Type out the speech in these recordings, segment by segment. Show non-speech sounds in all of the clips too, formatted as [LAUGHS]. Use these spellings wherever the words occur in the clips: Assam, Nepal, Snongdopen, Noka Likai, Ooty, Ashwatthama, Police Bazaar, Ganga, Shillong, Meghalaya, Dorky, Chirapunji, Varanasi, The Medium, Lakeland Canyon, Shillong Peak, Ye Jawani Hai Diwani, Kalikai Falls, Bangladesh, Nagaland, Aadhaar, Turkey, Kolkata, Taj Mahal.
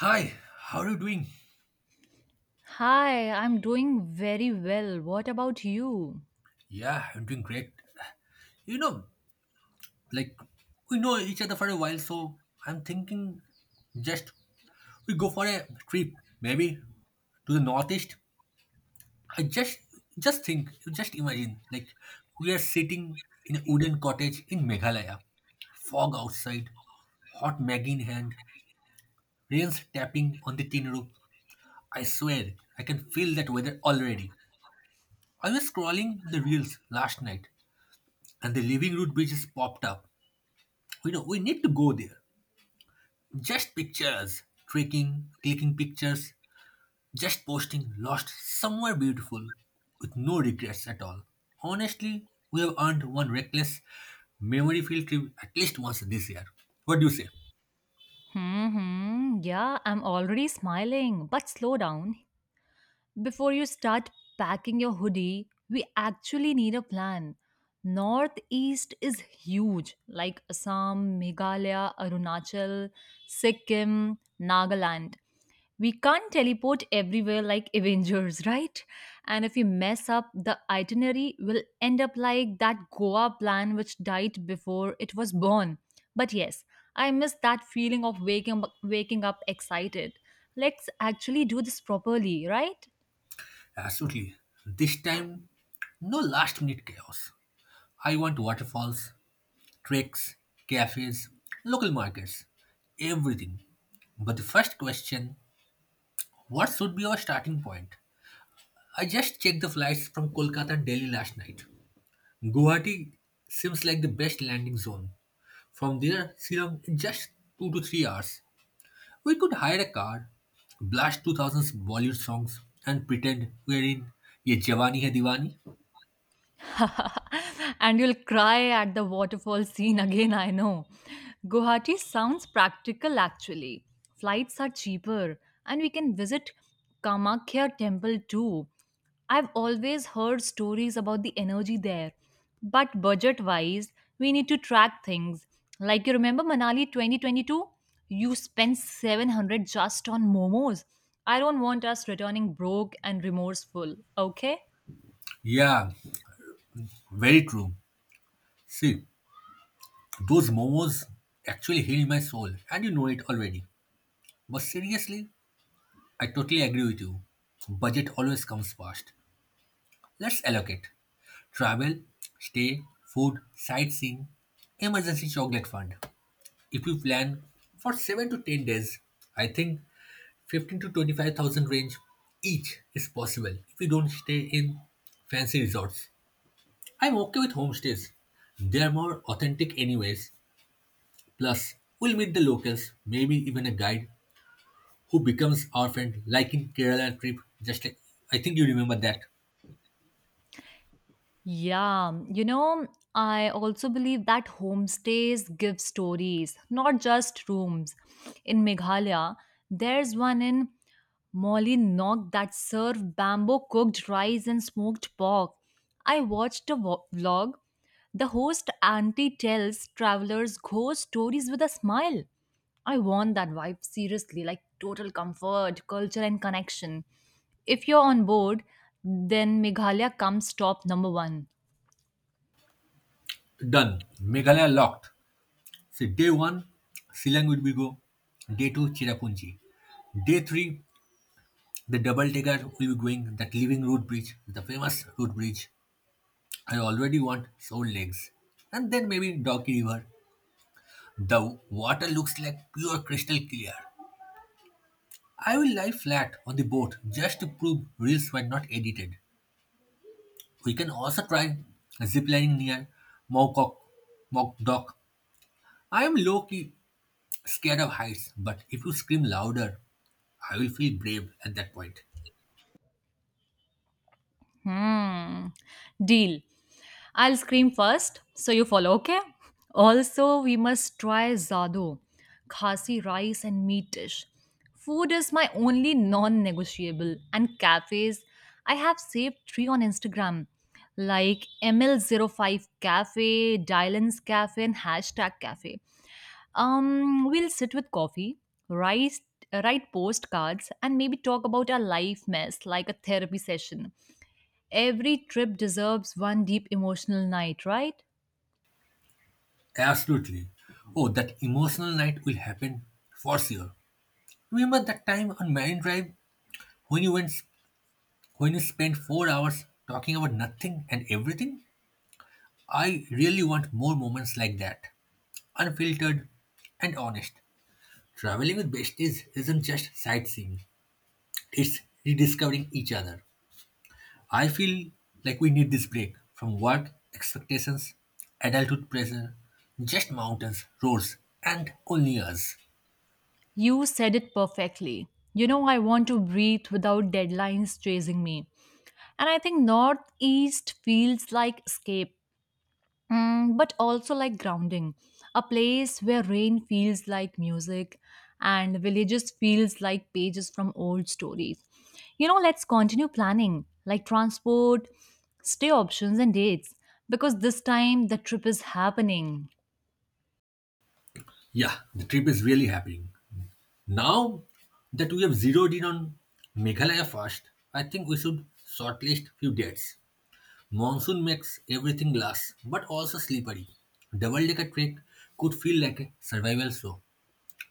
Hi, how are you doing? Hi, I'm doing very well. What about you? Yeah, I'm doing great. You know, like we know each other for a while, so I'm thinking just we go for a trip, maybe to the northeast. I just think, just imagine, like we are sitting in a wooden cottage in Meghalaya, fog outside, hot Maggie in hand, rains tapping on the tin roof. I swear, I can feel that weather already. I was scrolling the reels last night, and the living root bridges popped up. You know, we need to go there, just pictures, trekking, clicking pictures, just posting, lost somewhere beautiful, with no regrets at all. Honestly, we have earned one reckless memory filled trip at least once this year. What do you say? Hmm, yeah, I'm already smiling. But slow down. Before you start packing your hoodie, we actually need a plan. Northeast is huge, like Assam, Meghalaya, Arunachal, Sikkim, Nagaland. We can't teleport everywhere like Avengers, [LAUGHS] right? And if you mess up, the itinerary will end up like that Goa plan which died before it was born. But yes, I miss that feeling of waking up excited. Let's actually do this properly, right? Absolutely. This time, no last minute chaos. I want waterfalls, treks, cafes, local markets, everything. But the first question, what should be our starting point? I just checked the flights from Kolkata and Delhi last night. Guwahati seems like the best landing zone. From there, Shillong in just 2 to 3 hours. We could hire a car, blast 2000s Bollywood songs, and pretend we're in Ye Jawani Hai Diwani. [LAUGHS] And you'll cry at the waterfall scene again, I know. Guwahati sounds practical actually. Flights are cheaper, and we can visit Kamakhya temple too. I've always heard stories about the energy there. But budget wise, we need to track things. Like you remember Manali 2022? You spent 700 just on momos. I don't want us returning broke and remorseful, okay? Yeah, very true. See, those momos actually heal my soul, and you know it already. But seriously, I totally agree with you. Budget always comes first. Let's allocate. Travel, stay, food, sightseeing, emergency chocolate fund. If you plan for 7 to 10 days, I think 15 to 25,000 range each is possible if you don't stay in fancy resorts. I'm okay with homestays. They're more authentic anyways. Plus, we'll meet the locals, maybe even a guide who becomes our friend like in Kerala trip, just like I think you remember that. Yeah, I also believe that homestays give stories, not just rooms. In Meghalaya, there's one in Mollynog that served bamboo cooked rice and smoked pork. I watched a vlog. The host auntie tells travelers ghost stories with a smile. I want that vibe seriously, like total comfort, culture, and connection. If you're on board, then Meghalaya comes top number one. Done. Meghalaya locked. So day one, Silang will be go. Day two, Chirapunji. Day three, the double decker will be going that living road bridge, the famous road bridge. I already want sore legs. And then maybe Donkey River. The water looks like pure crystal clear. I will lie flat on the boat just to prove reels were not edited. We can also try ziplining near Mocock Mock Dock. I am low key scared of heights, but if you scream louder, I will feel brave at that point. Hmm. Deal. I'll scream first, so you follow, okay? Also, we must try Zado, Khasi rice and meat dish. Food is my only non negotiable, and cafes, I have saved three on Instagram like ml 05 Cafe, Dylan's Cafe, and hashtag Cafe. We'll sit with coffee, write, write postcards, and maybe talk about our life mess like a therapy session. Every trip deserves one deep emotional night, right? Absolutely. Oh, that emotional night will happen for sure. Remember that time on Marine Drive when you went, when you spent 4 hours talking about nothing and everything? I really want more moments like that, unfiltered and honest. Traveling with besties isn't just sightseeing; it's rediscovering each other. I feel like we need this break from work, expectations, adulthood pressure, just mountains, roads, and only us. You said it perfectly. I want to breathe without deadlines chasing me. And I think Northeast feels like escape, but also like grounding. A place where rain feels like music and villages feels like pages from old stories. Let's continue planning, like transport, stay options and dates because this time the trip is happening. Yeah, the trip is really happening. Now that we have zeroed in on Meghalaya first, I think we should shortlist few dates. Monsoon makes everything glass, but also slippery. Double decker trek could feel like a survival show.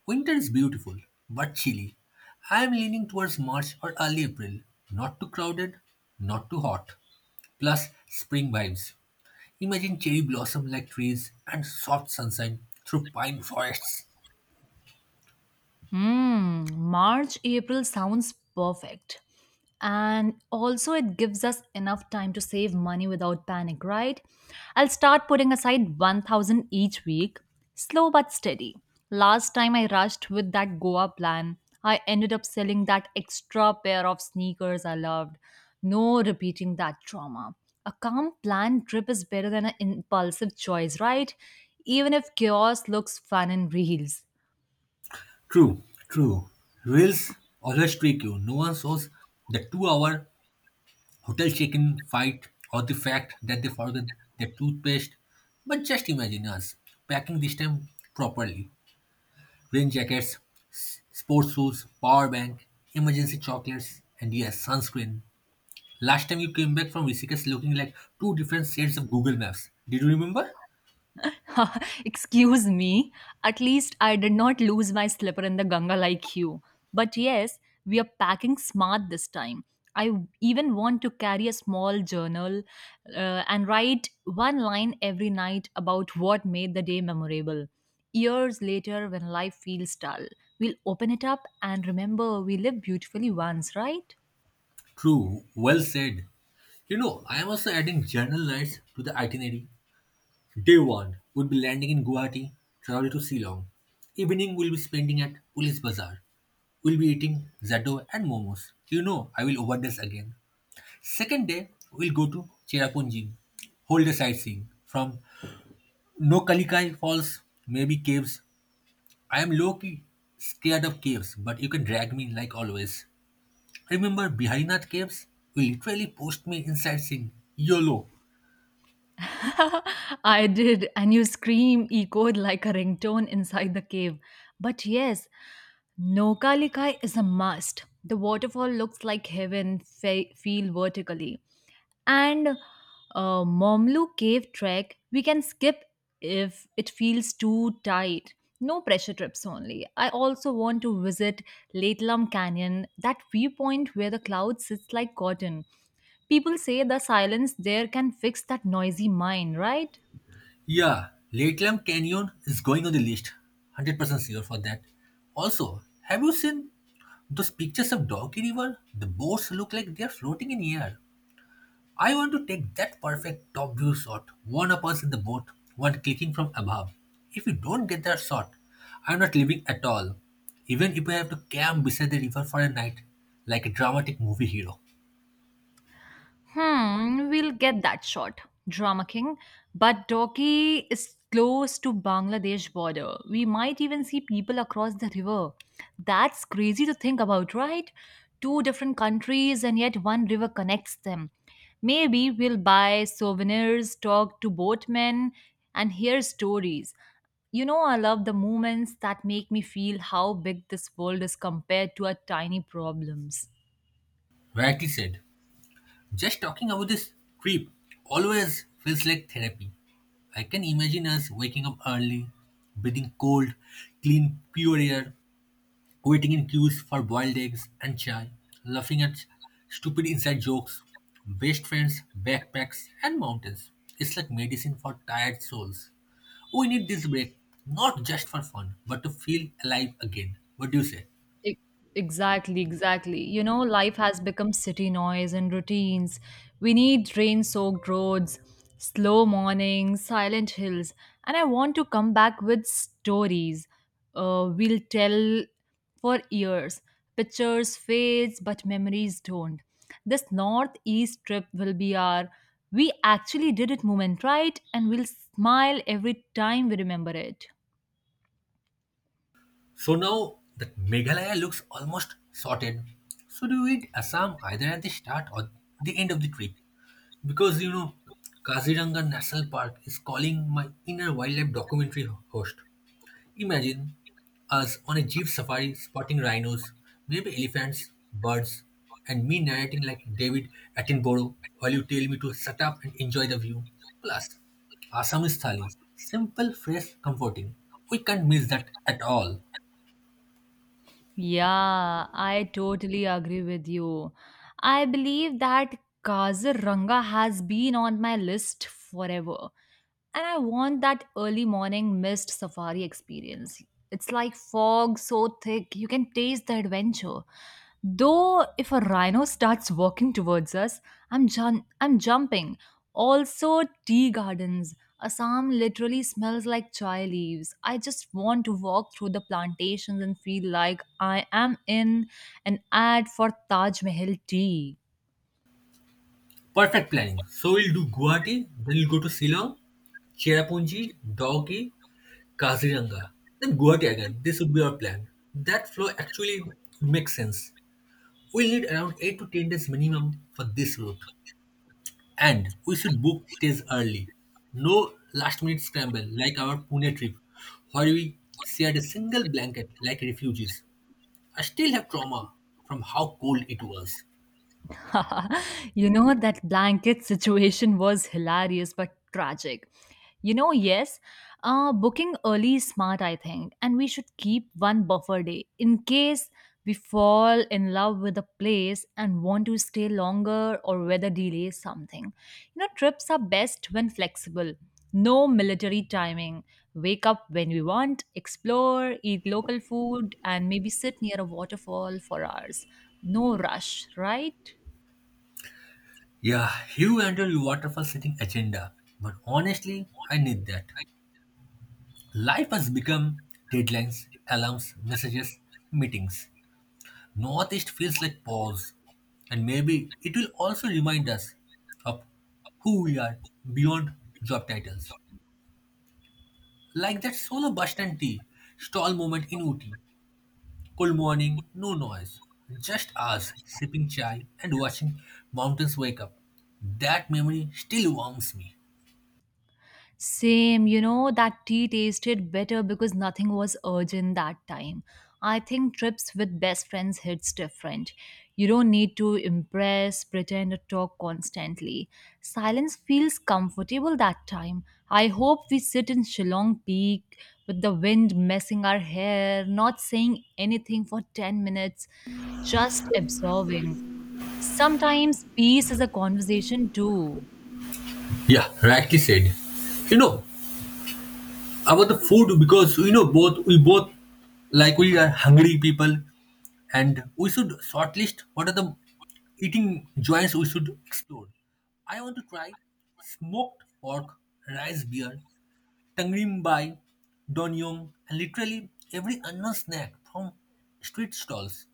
Winter is beautiful, but chilly. I am leaning towards March or early April. Not too crowded, not too hot. Plus, spring vibes. Imagine cherry blossom like trees and soft sunshine through pine forests. Mm, March, April sounds perfect. And also, it gives us enough time to save money without panic, right? I'll start putting aside 1,000 each week, slow but steady. Last time I rushed with that Goa plan, I ended up selling that extra pair of sneakers I loved. No repeating that trauma. A calm planned trip is better than an impulsive choice, right? Even if chaos looks fun in reels. True, true. Reels always trick you. No one shows the 2 hour hotel check in fight or the fact that they forgot their toothpaste. But just imagine us packing this time properly. Rain jackets, sports shoes, power bank, emergency chocolates, and yes, sunscreen. Last time you came back from Rishikesh looking like two different sets of Google Maps. Did you remember? [LAUGHS] Excuse me, at least I did not lose my slipper in the Ganga like you. But yes, we are packing smart this time. I even want to carry a small journal and write one line every night about what made the day memorable. Years later, when life feels dull, we'll open it up and remember we lived beautifully once, right? True, well said. You know, I am also adding journal nights to the itinerary. Day 1 would be landing in Guwahati, travel to Ceylon. Evening will be spending at Police Bazaar. We'll be eating Zaddo and momos. You know, I will overdose again. Second day, we'll go to Cherrapunji, Whole a sightseeing from No Kalikai Falls, maybe caves. I am low key scared of caves, but you can drag me like always. Remember Biharinath caves? You literally pushed me inside saying YOLO. [LAUGHS] I did, and your scream echoed like a ringtone inside the cave. But yes, Noka Likai is a must. The waterfall looks like heaven, feel vertically and Momlu cave trek we can skip if it feels too tight. No pressure trips only. I also want to visit Latlam Canyon, that viewpoint where the cloud sits like cotton. People say the silence there can fix that noisy mind, right? Yeah, Lakeland Canyon is going on the list. 100% sure for that. Also, have you seen those pictures of Donkey River? The boats look like they're floating in air. I want to take that perfect top view shot, one of us in the boat, one clicking from above. If we don't get that shot, I'm not leaving at all, even if I have to camp beside the river for a night, like a dramatic movie hero. Hmm, we'll get that shot, drama king. But Turkey is close to Bangladesh border. We might even see people across the river. That's crazy to think about, right? Two different countries and yet one river connects them. Maybe we'll buy souvenirs, talk to boatmen, and hear stories. I love the moments that make me feel how big this world is compared to our tiny problems. Rightly said, just talking about this trip always feels like therapy. I can imagine us waking up early, breathing cold, clean, pure air, waiting in queues for boiled eggs and chai, laughing at stupid inside jokes, best friends, backpacks, and mountains. It's like medicine for tired souls. We need this break, not just for fun, but to feel alive again. What do you say? E- Exactly, exactly. Life has become city noise and routines. We need rain soaked roads, slow mornings, silent hills. And I want to come back with stories we'll tell for years. Pictures fades, but memories don't. This northeast trip will be our we actually did it moment, right? And we'll smile every time we remember it. So now that Meghalaya looks almost sorted, should we eat Assam either at the start or the end of the trip? Because you know, Kaziranga National Park is calling my inner wildlife documentary host. Imagine us on a jeep safari spotting rhinos, maybe elephants, birds, and me narrating like David Attenborough while you tell me to shut up and enjoy the view. Plus, Assamese thali, simple, fresh, comforting. We can't miss that at all. Yeah, I totally agree with you. I believe that Kaziranga has been on my list forever. And I want that early morning mist safari experience. It's like fog so thick, you can taste the adventure. Though if a rhino starts walking towards us, I'm jumping. Also tea gardens. Assam literally smells like chai leaves. I just want to walk through the plantations and feel like I am in an ad for Taj Mahal tea. Perfect planning. So we'll do Guwahati, then we'll go to Silong, Cherrapunji, Dauki, Kaziranga, then Guwahati again. This would be our plan. That flow actually makes sense. We'll need around 8 to 10 days minimum for this route. And we should book stays early. No last minute scramble like our Pune trip, where we shared a single blanket like refugees. I still have trauma from how cold it was. [LAUGHS] That blanket situation was hilarious but tragic. You know, yes, booking early is smart, I think, and we should keep one buffer day in case we fall in love with a place and want to stay longer or weather delay something. Trips are best when flexible. No military timing. Wake up when we want, explore, eat local food, and maybe sit near a waterfall for hours no rush, right? Yeah, you under your waterfall setting agenda. But honestly, I need that. Life has become deadlines, alarms, messages, meetings. Northeast feels like pause. And maybe it will also remind us of who we are beyond job titles. Like that solo bus and tea stall moment in Ooty. Cool morning, no noise. Just us sipping chai and watching mountains wake up. That memory still warms me. Same, that tea tasted better because nothing was urgent that time. I think trips with best friends hits different. You don't need to impress, pretend, or talk constantly. Silence feels comfortable that time. I hope we sit in Shillong Peak with the wind messing our hair, not saying anything for 10 minutes, just absorbing. Sometimes peace is a conversation too. Yeah, rightly said. You know, about the food, because you know, both we both like, we are hungry people, and we should shortlist what are the eating joints we should explore. I want to try smoked pork, rice beer, Tangrim Bai, Donyong, and literally every unknown snack from street stalls.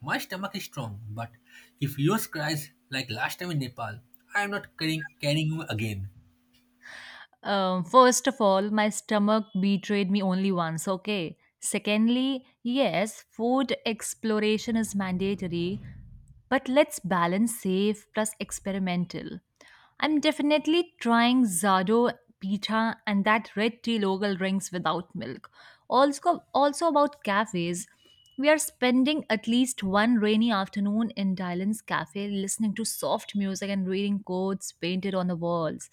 My stomach is strong, but if yours cries like last time in Nepal, I am not carrying you again. First of all, my stomach betrayed me only once, okay? Secondly, yes, food exploration is mandatory, but let's balance safe plus experimental. I'm definitely trying Zado pita and that red tea local drinks without milk. Also, about cafes. We are spending at least one rainy afternoon in Dylan's cafe listening to soft music and reading quotes painted on the walls.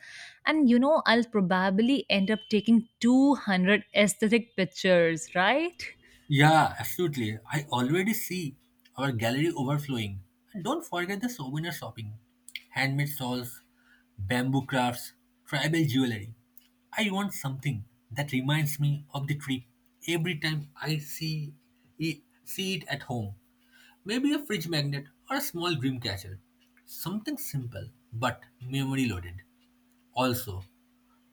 And I'll probably end up taking 200 aesthetic pictures, right? Yeah, absolutely. I already see our gallery overflowing. And don't forget the souvenir shopping. Handmade shawls, bamboo crafts, tribal jewelry. I want something that reminds me of the trip every time I see it at home. Maybe a fridge magnet or a small dream catcher. Something simple but memory loaded. Also,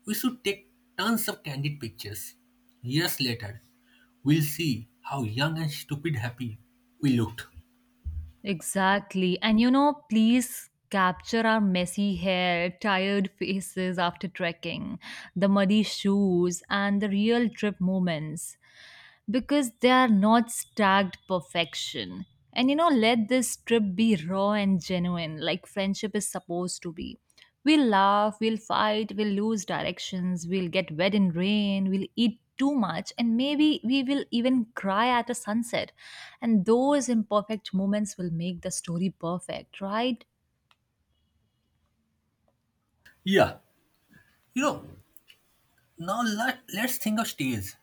we should take tons of candid pictures. Years later, we'll see how young and stupid happy we looked. Exactly. And Please capture our messy hair, tired faces after trekking, the muddy shoes, and the real trip moments, because they are not stacked perfection. And let this trip be raw and genuine, like friendship is supposed to be. We'll laugh, we'll fight, we'll lose directions, we'll get wet in rain, we'll eat too much, and maybe we will even cry at a sunset. And those imperfect moments will make the story perfect, right? Yeah, you know, now let's think of stays.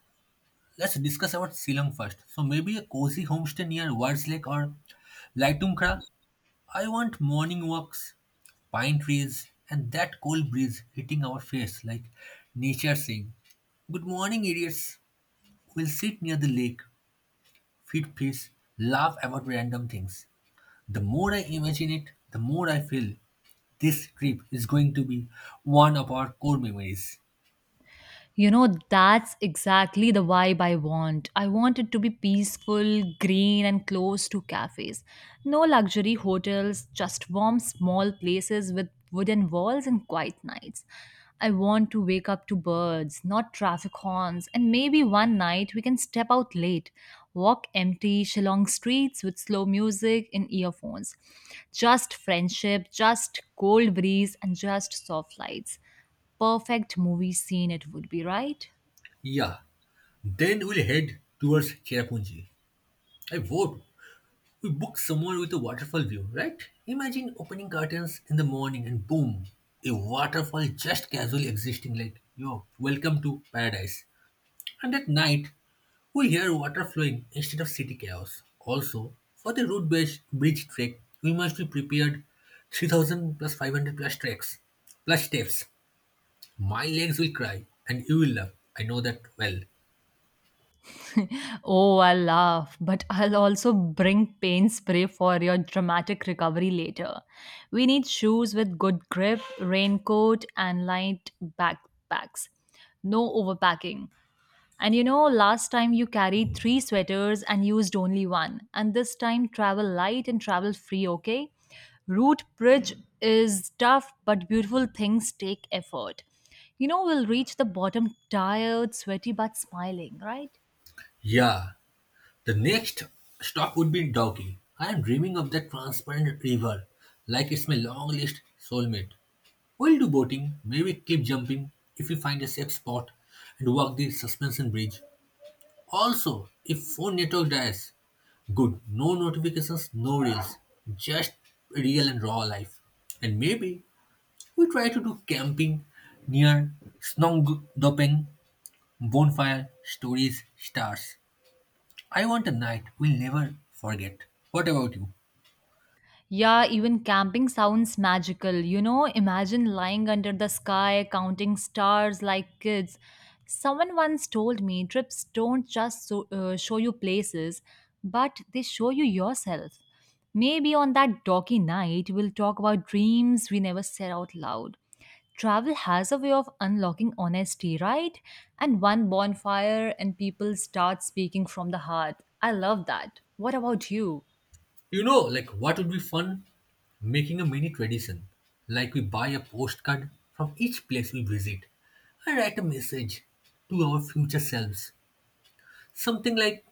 Let's discuss about Silang first. So maybe a cozy homestay near Wards Lake or Laitungkra. I want morning walks, pine trees, and that cold breeze hitting our face like nature saying, Good morning, idiots. We'll sit near the lake, feed fish, laugh about random things. The more I imagine it, the more I feel this trip is going to be one of our core memories. That's exactly the vibe I want. I want it to be peaceful, green, and close to cafes. No luxury hotels, just warm, small places with wooden walls and quiet nights. I want to wake up to birds, not traffic horns, and maybe one night we can step out late, walk empty, Shillong streets with slow music in earphones. Just friendship, just cold breeze, and just soft lights. Perfect movie scene, it would be, right? Yeah, then we'll head towards Cherrapunji. I vote. We book somewhere with a waterfall view, right? Imagine opening curtains in the morning and boom, a waterfall just casually existing like, yo, welcome to paradise. And at night, we hear water flowing instead of city chaos. Also, for the route based bridge trek, we must be prepared 3000 plus 500 plus treks plus steps. My legs will cry and you will laugh. I know that well. Oh, I'll laugh, but I'll also bring paint spray for your dramatic recovery later. We need shoes with good grip, raincoat, and light backpacks. No overpacking. And last time you carried three sweaters and used only one. And this time, travel light and travel free, okay? Route bridge is tough, but beautiful things take effort. We'll reach the bottom tired, sweaty, but smiling, right? Yeah, the next stop would be Doggy. I am dreaming of that transparent river like it's my long list soulmate. We'll do boating, maybe cliff jumping if we find a safe spot and walk the suspension bridge. Also, if phone network dies, good, no notifications, no reels, just real and raw life. And maybe we try to do camping near Snongdopen, bonfire, stories, stars. I want a night we'll never forget. What about you? Yeah, even camping sounds magical. Imagine lying under the sky, counting stars like kids. Someone once told me trips don't just show you places, but they show you yourself. Maybe on that doggy night, we'll talk about dreams we never said out loud. Travel has a way of unlocking honesty, right? And one bonfire, and people start speaking from the heart. I love that. What about you? You know, like what would be fun? Making a mini tradition. Like we buy a postcard from each place we visit. I write a message to our future selves. Something like,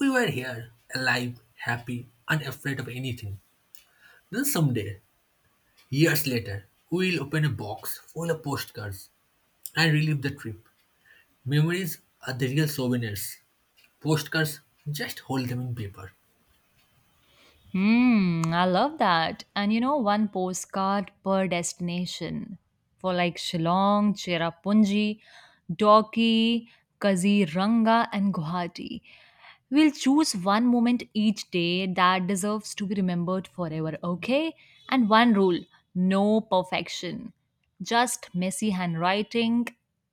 We were here, alive, happy, unafraid of anything. Then someday, years later, we'll open a box full of postcards and relive the trip. Memories are the real souvenirs. Postcards, just hold them in paper. Hmm, I love that. And one postcard per destination for like Shillong, Cherrapunji, Dorky, Kaziranga, and Guwahati. We'll choose one moment each day that deserves to be remembered forever, okay? And one rule no perfection, just messy handwriting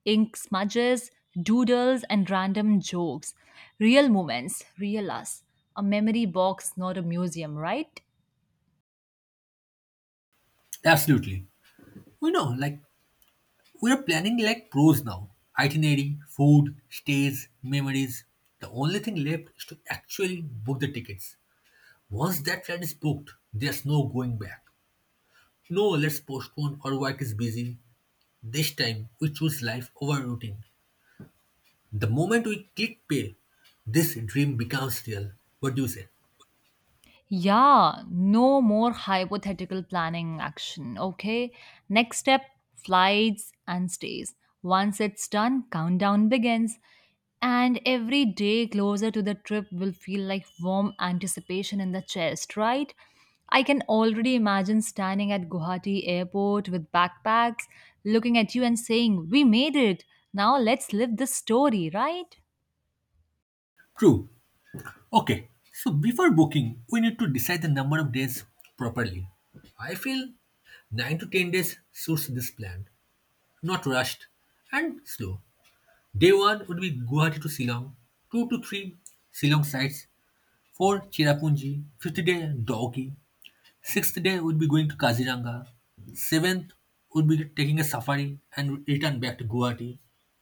ink smudges, doodles, and random jokes. Real moments, real us. A memory box, not a museum, right? Absolutely. We know, like, we're planning like pros now. Itinerary, food, stays, memories. The only thing left is to actually book the tickets. Once that flight is booked, there's no going back. No, let's postpone or work is busy. This time, we choose life over routine. The moment we click pay, this dream becomes real. What do you say? Yeah, no more hypothetical planning action. Okay. Next step flights and stays. Once it's done, countdown begins. And every day closer to the trip will feel like warm anticipation in the chest, right? I can already imagine standing at Guwahati airport with backpacks, looking at you and saying, "We made it. Now let's live this story," right? True. Okay, so before booking, we need to decide the number of days properly. I feel 9 to 10 days suits this plan, not rushed and slow. Day 1 would be Guwahati to Shillong, 2 to 3 Shillong sites, 4 Cherrapunji, 50 day Doggy, Sixth day would be going to Kaziranga. Seventh would be taking a safari and return back to Guwahati.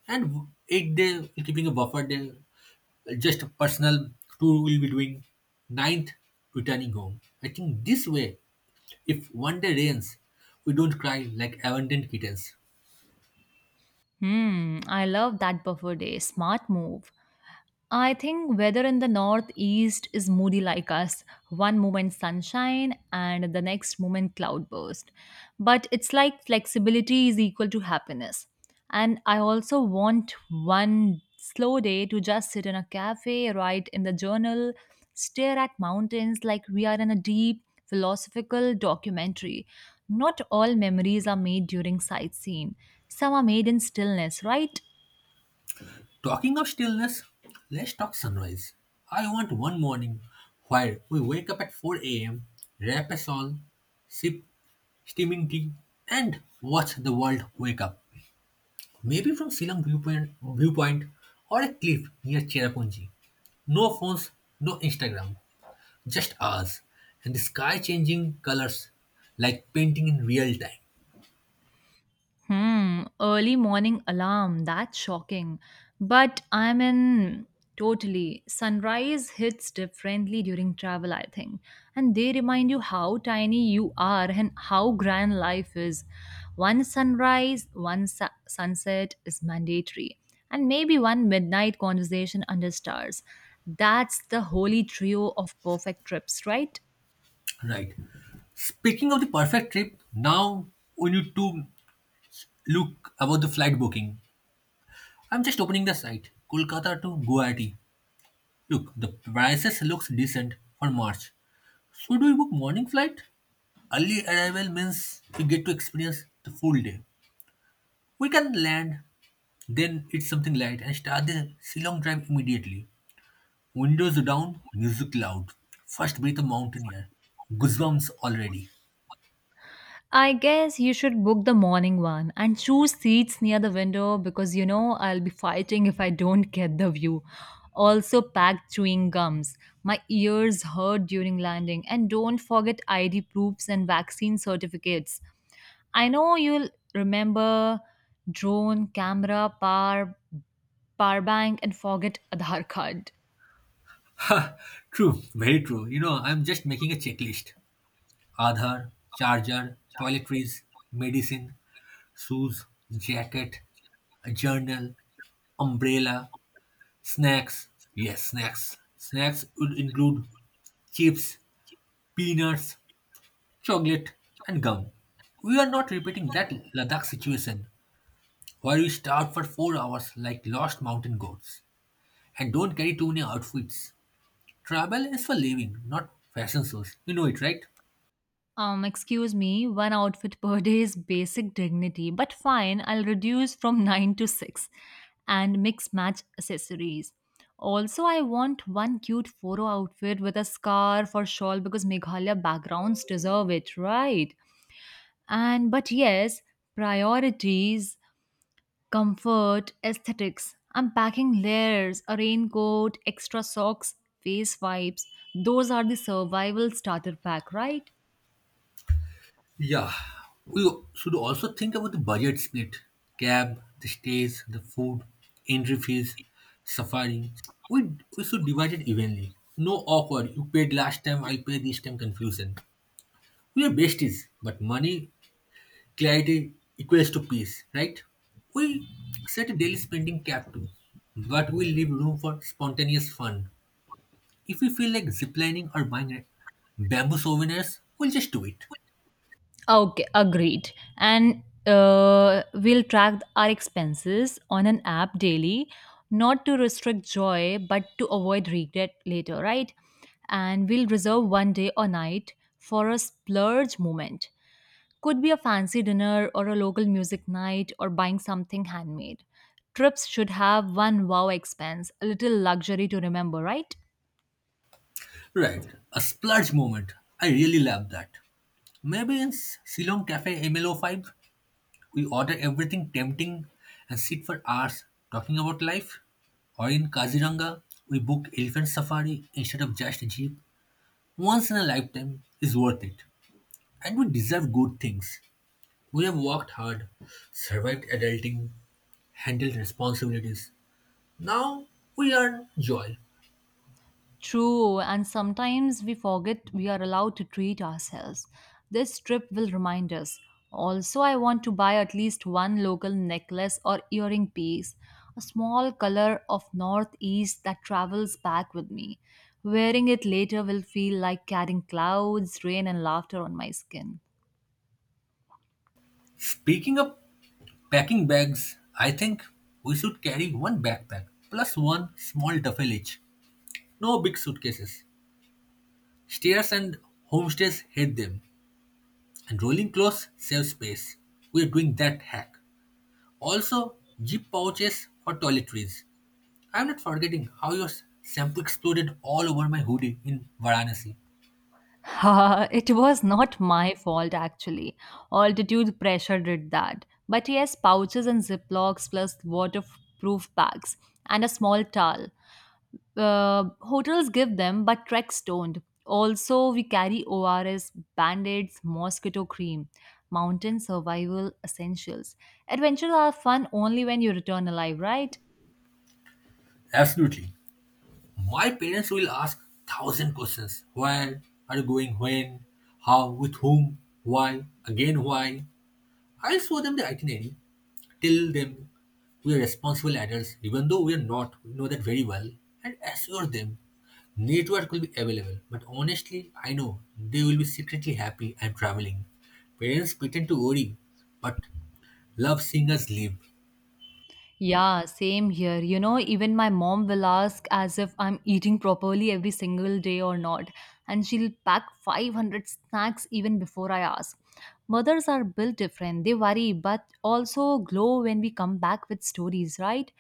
And eighth day keeping a buffer day, just a personal tour we'll be doing. Ninth, returning home. I think this way, if one day rains, we don't cry like abandoned kittens. Hmm, I love that buffer day. Smart move. I think weather in the northeast is moody like us. One moment sunshine and the next moment cloudburst. But it's like flexibility is equal to happiness. And I also want one slow day to just sit in a cafe, write in the journal, stare at mountains like we are in a deep philosophical documentary. Not all memories are made during sightseeing. Some are made in stillness, right? Talking of stillness, let's talk sunrise. I want one morning where we wake up at 4 a.m., rap a song, sip steaming tea, and watch the world wake up. Maybe from Silang viewpoint or a cliff near Cherrapunji. No phones, no Instagram, just ours. And the sky changing colors like painting in real time. Hmm, early morning alarm. That's shocking. But I'm in totally. Sunrise hits differently during travel, I think. And they remind you how tiny you are and how grand life is. One sunrise, sunset is mandatory. And maybe one midnight conversation under stars. That's the holy trio of perfect trips, right? Right. Speaking of the perfect trip, now we need to look about the flight booking. I'm just opening the site, Kolkata to Guwahati. Look, the prices looks decent for March. Should we book morning flight? Early arrival means we get to experience the full day. We can land, then eat something light and start the Shillong drive immediately. Windows down, music loud. First breath of mountain air. Goosebumps already. I guess you should book the morning one and choose seats near the window because I'll be fighting if I don't get the view. Also, pack chewing gums. My ears hurt during landing. And don't forget ID proofs and vaccine certificates. I know you'll remember drone, camera, power bank, and forget Aadhaar card. True, very true. You know, I'm just making a checklist. Aadhaar, charger, toiletries, medicine, shoes, jacket, a journal, umbrella, snacks. Yes, snacks. Snacks would include chips, peanuts, chocolate, and gum. We are not repeating that Ladakh situation where we starve for 4 hours like lost mountain goats and don't carry too many outfits. Travel is for living, not fashion shows. You know it, right? Excuse me, one outfit per day is basic dignity, but fine, I'll reduce from [LAUGHS] 9 to 6 and mix match accessories. Also, I want one cute photo outfit with a scarf or shawl because Meghalaya backgrounds deserve it, right? And but yes, priorities, comfort, aesthetics. I'm packing layers, a raincoat, extra socks, face wipes. Those are the survival starter pack, right? Yeah. We should also think about the budget split cab, the stays, the food, entry fees, safari. We, we should divide it evenly. No awkward, you paid last time, I paid this time confusion. We are besties, but money clarity equals to peace, right? We set a daily spending cap too, but we leave room for spontaneous fun. If we feel like ziplining or buying a bamboo souvenirs, we'll just do it. Okay, agreed. And we'll track our expenses on an app daily, not to restrict joy, but to avoid regret later, right? And we'll reserve one day or night for a splurge moment. Could be a fancy dinner or a local music night or buying something handmade. Trips should have one wow expense, a little luxury to remember, right? Right, a splurge moment. I really love that. Maybe in Ceylon Cafe MLO5, we order everything tempting and sit for hours talking about life. Or in Kaziranga, we book elephant safari instead of just a jeep. Once in a lifetime is worth it. And we deserve good things. We have worked hard, survived adulting, handled responsibilities. Now we earn joy. True, and sometimes we forget we are allowed to treat ourselves. This trip will remind us. Also, I want to buy at least one local necklace or earring piece, a small color of northeast that travels back with me. Wearing it later will feel like carrying clouds, rain, and laughter on my skin. Speaking of packing bags, I think we should carry one backpack plus one small duffel each. No big suitcases. Stairs and homestays hate them, and rolling clothes save space. We are doing that hack. Also, zip pouches for toiletries. I'm not forgetting how your shampoo exploded all over my hoodie in Varanasi. It was not my fault actually. Altitude pressure did that. But yes, pouches and ziplocs plus waterproof bags and a small towel. Hotels give them, but treks don't. Also, we carry ORS, band aids, mosquito cream, mountain survival essentials. Adventures are fun only when you return alive, right? Absolutely. My parents will ask thousand questions. Where are you going? When? How? With whom? Why? Again why? I'll show them the itinerary. Tell them we are responsible adults, even though we are not. We know that very well. And assure them network will be available. But honestly, I know they will be secretly happy I'm traveling. Parents pretend to worry, but love seeing us live. Yeah, same here. Even my mom will ask as if I'm eating properly every single day or not, and she'll pack 500 snacks even before I ask. Mothers are built different. They worry but also glow when we come back with stories, right?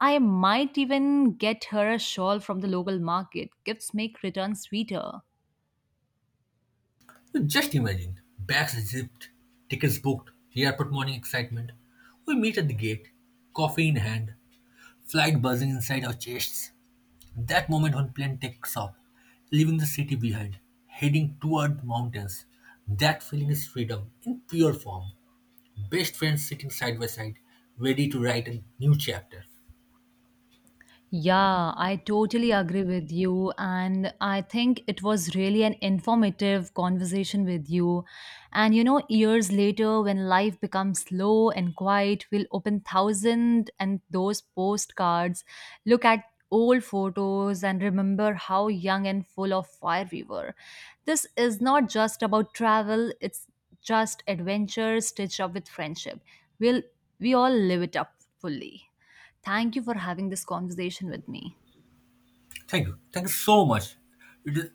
I might even get her a shawl from the local market. Gifts make returns sweeter. Just imagine, bags zipped, tickets booked, airport morning excitement. We meet at the gate, coffee in hand, flight buzzing inside our chests. That moment when plane takes off, leaving the city behind, heading toward mountains. That feeling is freedom in pure form. Best friends sitting side by side, ready to write a new chapter. Yeah, I totally agree with you. And I think it was really an informative conversation with you. And years later, when life becomes slow and quiet, we'll open thousand and those postcards, look at old photos, and remember how young and full of fire we were. This is not just about travel, it's just adventure stitched up with friendship. We'll, we all live it up fully. Thank you for having this conversation with me. Thank you. Thank you so much. It is